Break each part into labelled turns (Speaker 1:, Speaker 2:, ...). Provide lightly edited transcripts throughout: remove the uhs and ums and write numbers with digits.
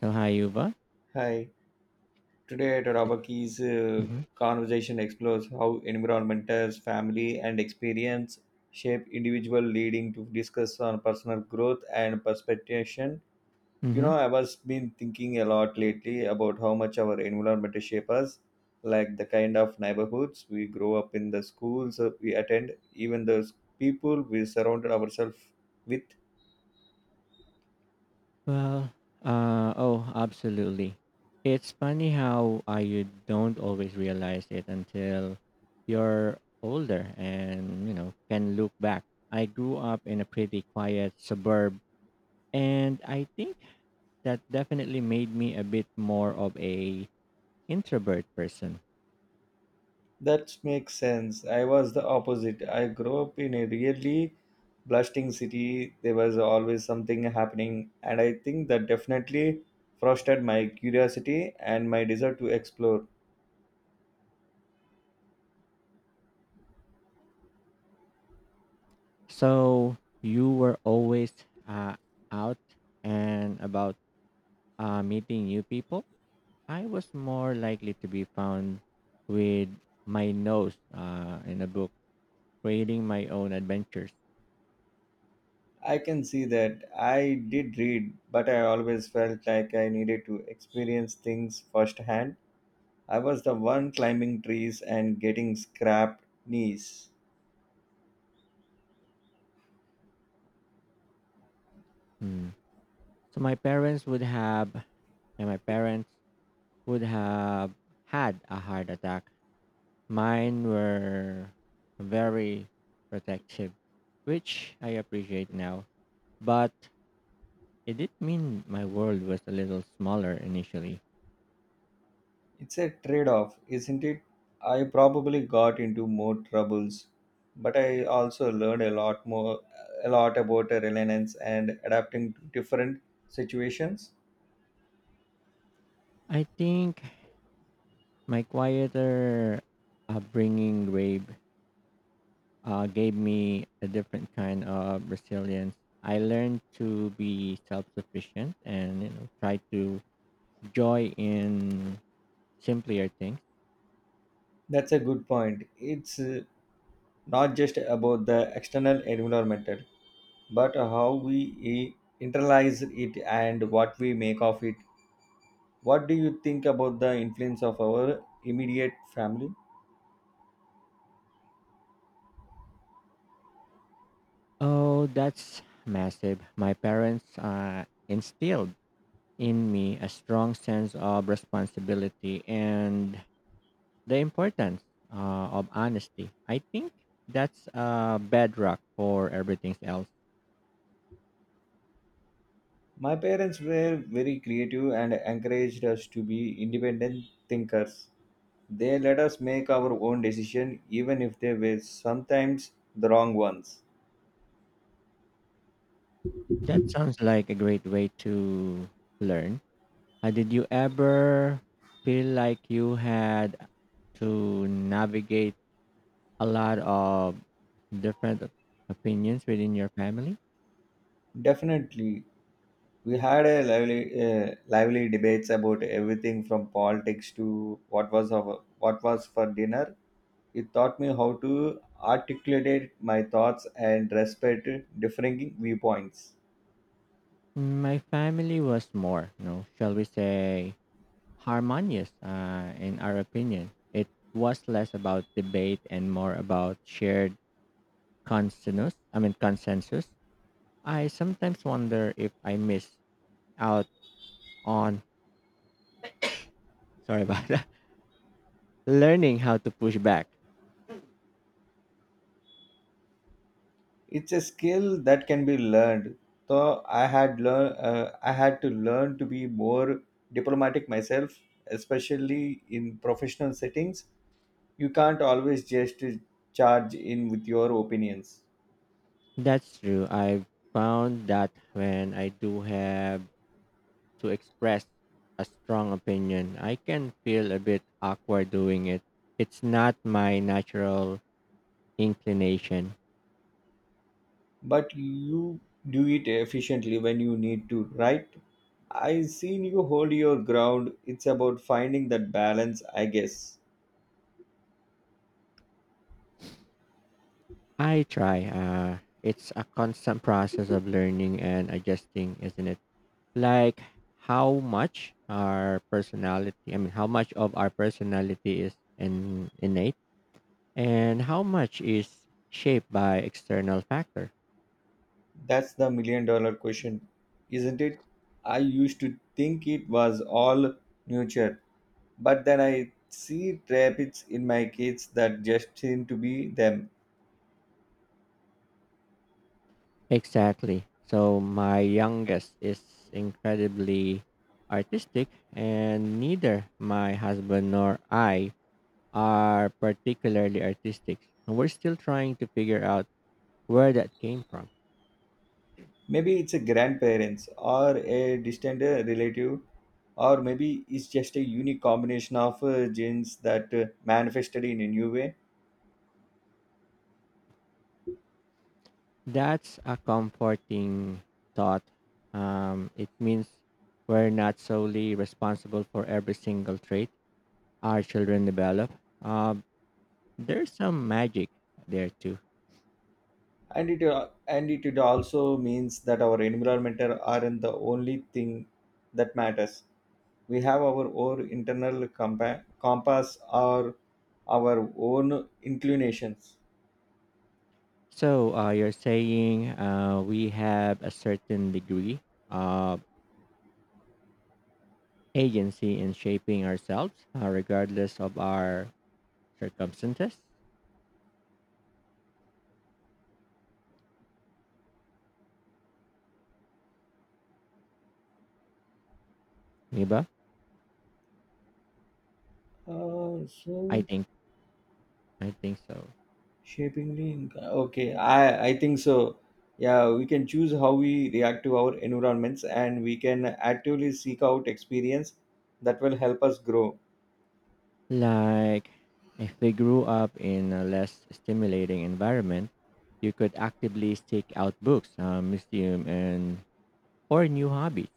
Speaker 1: So Hayuba?
Speaker 2: Hi, today at Robaki's
Speaker 1: Mm-hmm.
Speaker 2: conversation explores how environmentals, family, and experience shape individual, leading to discuss on personal growth and perspective. You know,
Speaker 1: Mm-hmm.
Speaker 2: I was been thinking a lot lately about how much our environment shape us, like the kind of neighborhoods we grow up in, the schools that we attend, even those people we surrounded ourselves with.
Speaker 1: Well, oh, absolutely. It's funny how you don't always realize it until you're older and, you know, can look back. I grew up in a pretty quiet suburb, and I think that definitely made me a bit more of a introvert person.
Speaker 2: That makes sense. I was the opposite. I grew up in a really blasting city. There was always something happening, and I think that definitely fostered my curiosity and my desire to explore.
Speaker 1: So you were always uh, out and about, meeting new people? I was more likely to be found with my nose in a book, creating my own adventures.
Speaker 2: I can see that I did read, but I always felt like I needed to experience things firsthand. I was the one climbing trees and getting scraped knees.
Speaker 1: Hmm. So my parents would have, and my parents would have had a heart attack. Mine were very protective, which I appreciate now. But it did mean my world was a little smaller initially.
Speaker 2: It's a trade off, isn't it? I probably got into more troubles, but I also learned a lot more, a lot about resilience and adapting to different situations.
Speaker 1: I think my quieter upbringing grave gave me a different kind of resilience. I learned to be self sufficient, and you know, try to joy in simpler things.
Speaker 2: That's a good point. It's not just about the external environment, but how we internalize it and what we make of it. What do you think about the influence of our immediate family?
Speaker 1: Oh, that's massive. My parents instilled in me a strong sense of responsibility and the importance of honesty. I think that's a bedrock for everything else.
Speaker 2: My parents were very creative and encouraged us to be independent thinkers. They let us make our own decisions, even if they were sometimes the wrong ones.
Speaker 1: That sounds like a great way to learn. Did you ever feel like you had to navigate a lot of different opinions within your family?
Speaker 2: Definitely, we had a lively debates about everything from politics to what was for dinner. It taught me how to articulate my thoughts and respect differing viewpoints.
Speaker 1: My family was more, you know, shall we say, harmonious in our opinion. It was less about debate and more about shared consensus. I sometimes wonder if I miss out on, sorry about that, learning how to push back.
Speaker 2: It's a skill that can be learned, so I had to learn to be more diplomatic myself, especially in professional settings. You can't always just charge in with your opinions,
Speaker 1: That's true. I've found that when I do have to express a strong opinion, I can feel a bit awkward doing it. It's not my natural inclination.
Speaker 2: but you do it efficiently when you need to, right? I seen you hold your ground. It's about finding that balance, I guess.
Speaker 1: I try. It's a constant process of learning and adjusting, isn't it? Like how much of our personality is innate and how much is shaped by external factors.
Speaker 2: That's the million dollar question, isn't it? I used to think it was all nurture, but then I see traits in my kids that just seem to be them.
Speaker 1: Exactly. So my youngest is incredibly artistic, and neither my husband nor I are particularly artistic. And we're still trying to figure out where that came from.
Speaker 2: Maybe it's a grandparents or a distant relative, or maybe it's just a unique combination of genes that manifested in a new way.
Speaker 1: That's a comforting thought. It means we're not solely responsible for every single trait our children develop. Uh, there's some magic there too.
Speaker 2: And it it also means that our environment aren't the only thing that matters. We have our own internal compass or our own inclinations.
Speaker 1: So you're saying we have a certain degree of agency in shaping ourselves, regardless of our circumstances, Miba?
Speaker 2: Uh,
Speaker 1: I
Speaker 2: so
Speaker 1: think I think so.
Speaker 2: Shapingly, inc- okay, I think so. Yeah, we can choose how we react to our environments, and we can actively seek out experience that will help us grow.
Speaker 1: Like, if they grew up in a less stimulating environment, you could actively seek out books, museum, and or new hobbies.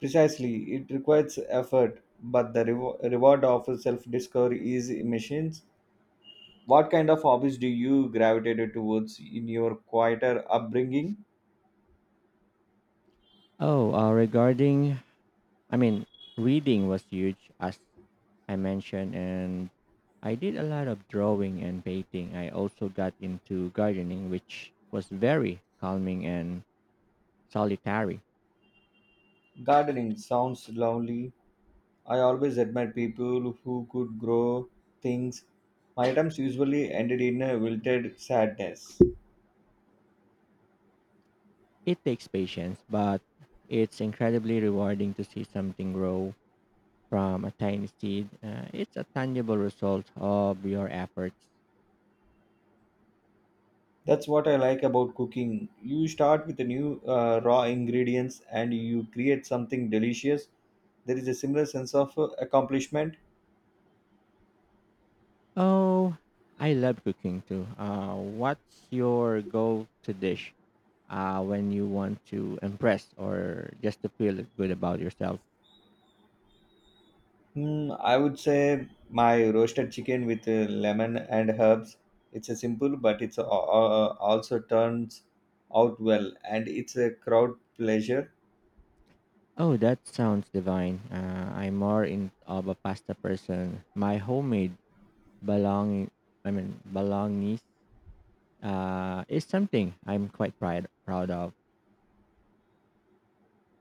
Speaker 2: Precisely, it requires effort, but the reward of self-discovery is immense. What kind of hobbies do you gravitated towards in your quieter upbringing?
Speaker 1: Oh, I mean, reading was huge, as I mentioned, and I did a lot of drawing and painting. I also got into gardening, which was very calming and solitary.
Speaker 2: Gardening sounds lovely. I always admire people who could grow things. My attempts usually ended in a wilted sadness.
Speaker 1: It takes patience, but it's incredibly rewarding to see something grow from a tiny seed. It's a tangible result of your efforts.
Speaker 2: That's what I like about cooking. You start with the new raw ingredients and you create something delicious. There is a similar sense of accomplishment.
Speaker 1: Oh, I love cooking too. What's your go-to dish, when you want to impress or just to feel good about yourself?
Speaker 2: Hmm, I would say my roasted chicken with lemon and herbs. It's a simple, but it's a- also turns out well, and it's a crowd pleasure.
Speaker 1: Oh, that sounds divine. I'm more in of a pasta person. My homemade bologna, I mean bolognese, is something I'm quite proud of.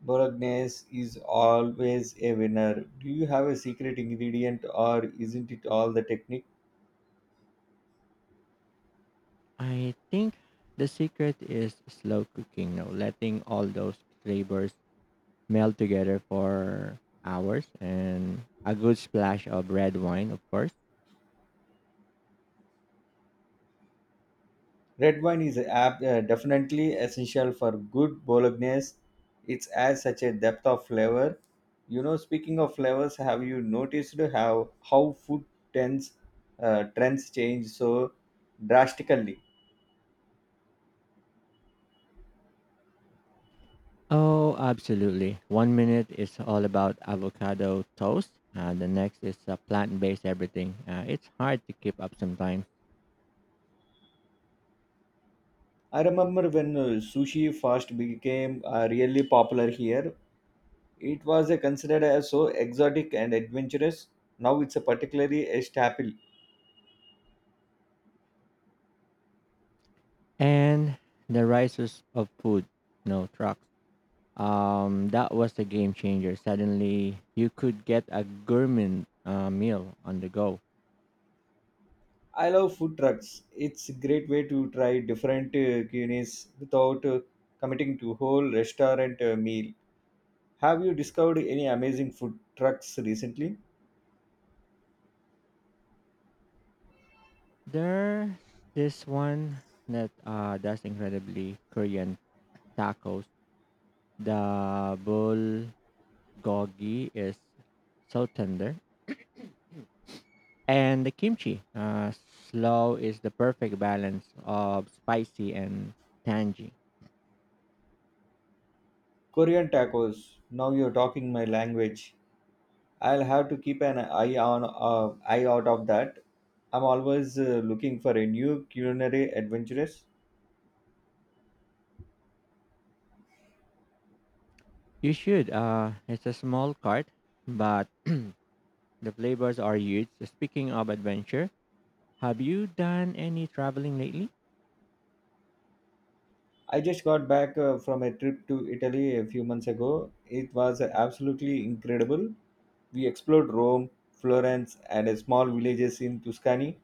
Speaker 2: Bolognese is always a winner. Do you have a secret ingredient or isn't it all the technique?
Speaker 1: I think the secret is slow cooking, no, letting all those flavors melt together for hours, and a good splash of red wine, of course.
Speaker 2: Red wine is definitely essential for good Bolognese. It adds such a depth of flavor. You know, speaking of flavors, have you noticed how trends, trends change so drastically?
Speaker 1: Oh, absolutely. One minute is all about avocado toast, the next is plant based everything. It's hard to keep up sometimes.
Speaker 2: I remember when sushi first became really popular here. It was considered as so exotic and adventurous. Now it's a particularly a staple.
Speaker 1: And the rises of food, no trucks. That was a game changer. Suddenly, you could get a gourmet meal on the go.
Speaker 2: I love food trucks. It's a great way to try different cuisines without committing to whole restaurant meal. Have you discovered any amazing food trucks recently?
Speaker 1: There's this one that does incredibly Korean tacos. The bulgogi is so tender, and the kimchi, slow is the perfect balance of spicy and tangy.
Speaker 2: Korean tacos. Now you're talking my language. I'll have to keep an eye out of that. I'm always looking for a new culinary adventurous.
Speaker 1: You should. It's a small cart, but the flavors are huge. Speaking of adventure, have you done any traveling lately?
Speaker 2: I just got back from a trip to Italy a few months ago. It was absolutely incredible. We explored Rome, Florence, and a small villages in Tuscany.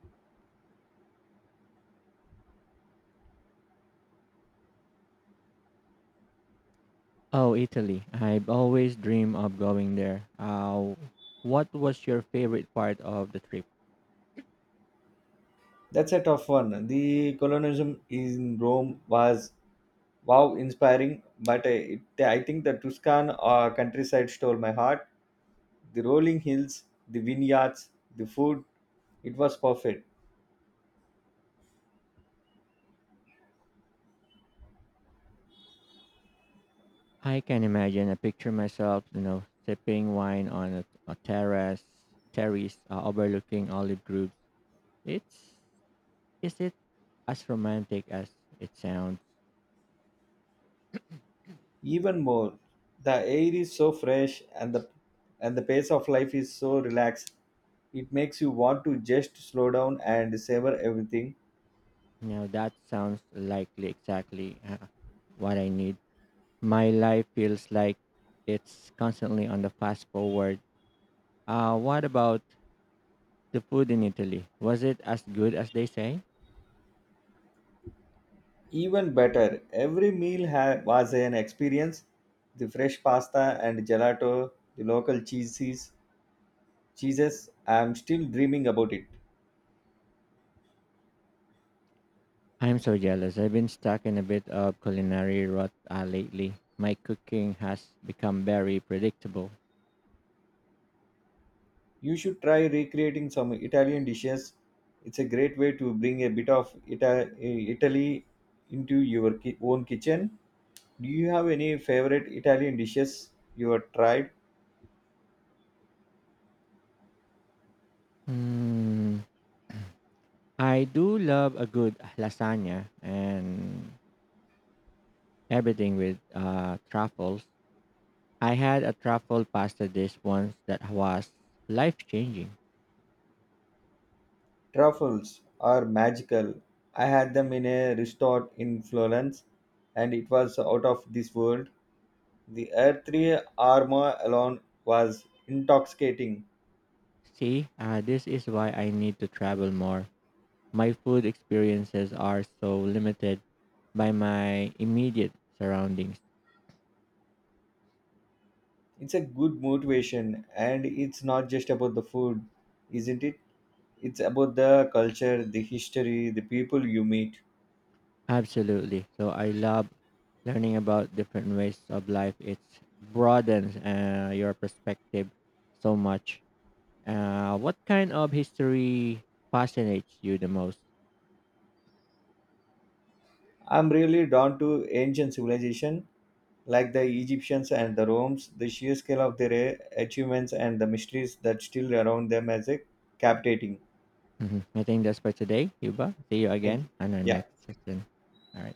Speaker 1: Oh, Italy. I've always dreamed of going there. What was your favorite part of the trip?
Speaker 2: That's a tough one. The colonialism in Rome was wow inspiring, I think the Tuscan countryside stole my heart. The rolling hills, the vineyards, the food, it was perfect.
Speaker 1: I can imagine. I picture myself, you know, sipping wine on a terrace, overlooking olive groves. It's, is it as romantic as it sounds?
Speaker 2: Even more, the air is so fresh and the pace of life is so relaxed. It makes you want to just slow down and savor everything.
Speaker 1: Now that sounds likely exactly what I need. My life feels like it's constantly on the fast forward. What about the food in Italy, was it as good as they say?
Speaker 2: Even better, every was an experience. The fresh pasta and gelato, the local cheeses. I'm still dreaming about it.
Speaker 1: I'm so jealous. I've been stuck in a bit of culinary rot lately. My cooking has become very predictable.
Speaker 2: You should try recreating some Italian dishes. It's a great way to bring a bit of Italy into your own kitchen. Do you have any favorite Italian dishes you have tried?
Speaker 1: Hmm. I do love a good lasagna and everything with truffles. I had a truffle pasta dish once that was life changing.
Speaker 2: Truffles are magical. I had them in a restaurant in Florence and it was out of this world. The earthly aroma alone was intoxicating.
Speaker 1: See, this is why I need to travel more. My food experiences are so limited by my immediate surroundings.
Speaker 2: It's a good motivation, and it's not just about the food, isn't it? It's about the culture, the history, the people you meet.
Speaker 1: Absolutely. So I love learning about different ways of life. It broadens your perspective so much. What kind of history fascinates you the most?
Speaker 2: I'm really drawn to ancient civilization, like the Egyptians and the Romans. The sheer scale of their achievements and the mysteries that still around them as a captivating.
Speaker 1: Mhm. I think that's for today, Yuba. See you
Speaker 2: Thank
Speaker 1: again
Speaker 2: you.
Speaker 1: on our
Speaker 2: Yeah.
Speaker 1: next session. All right.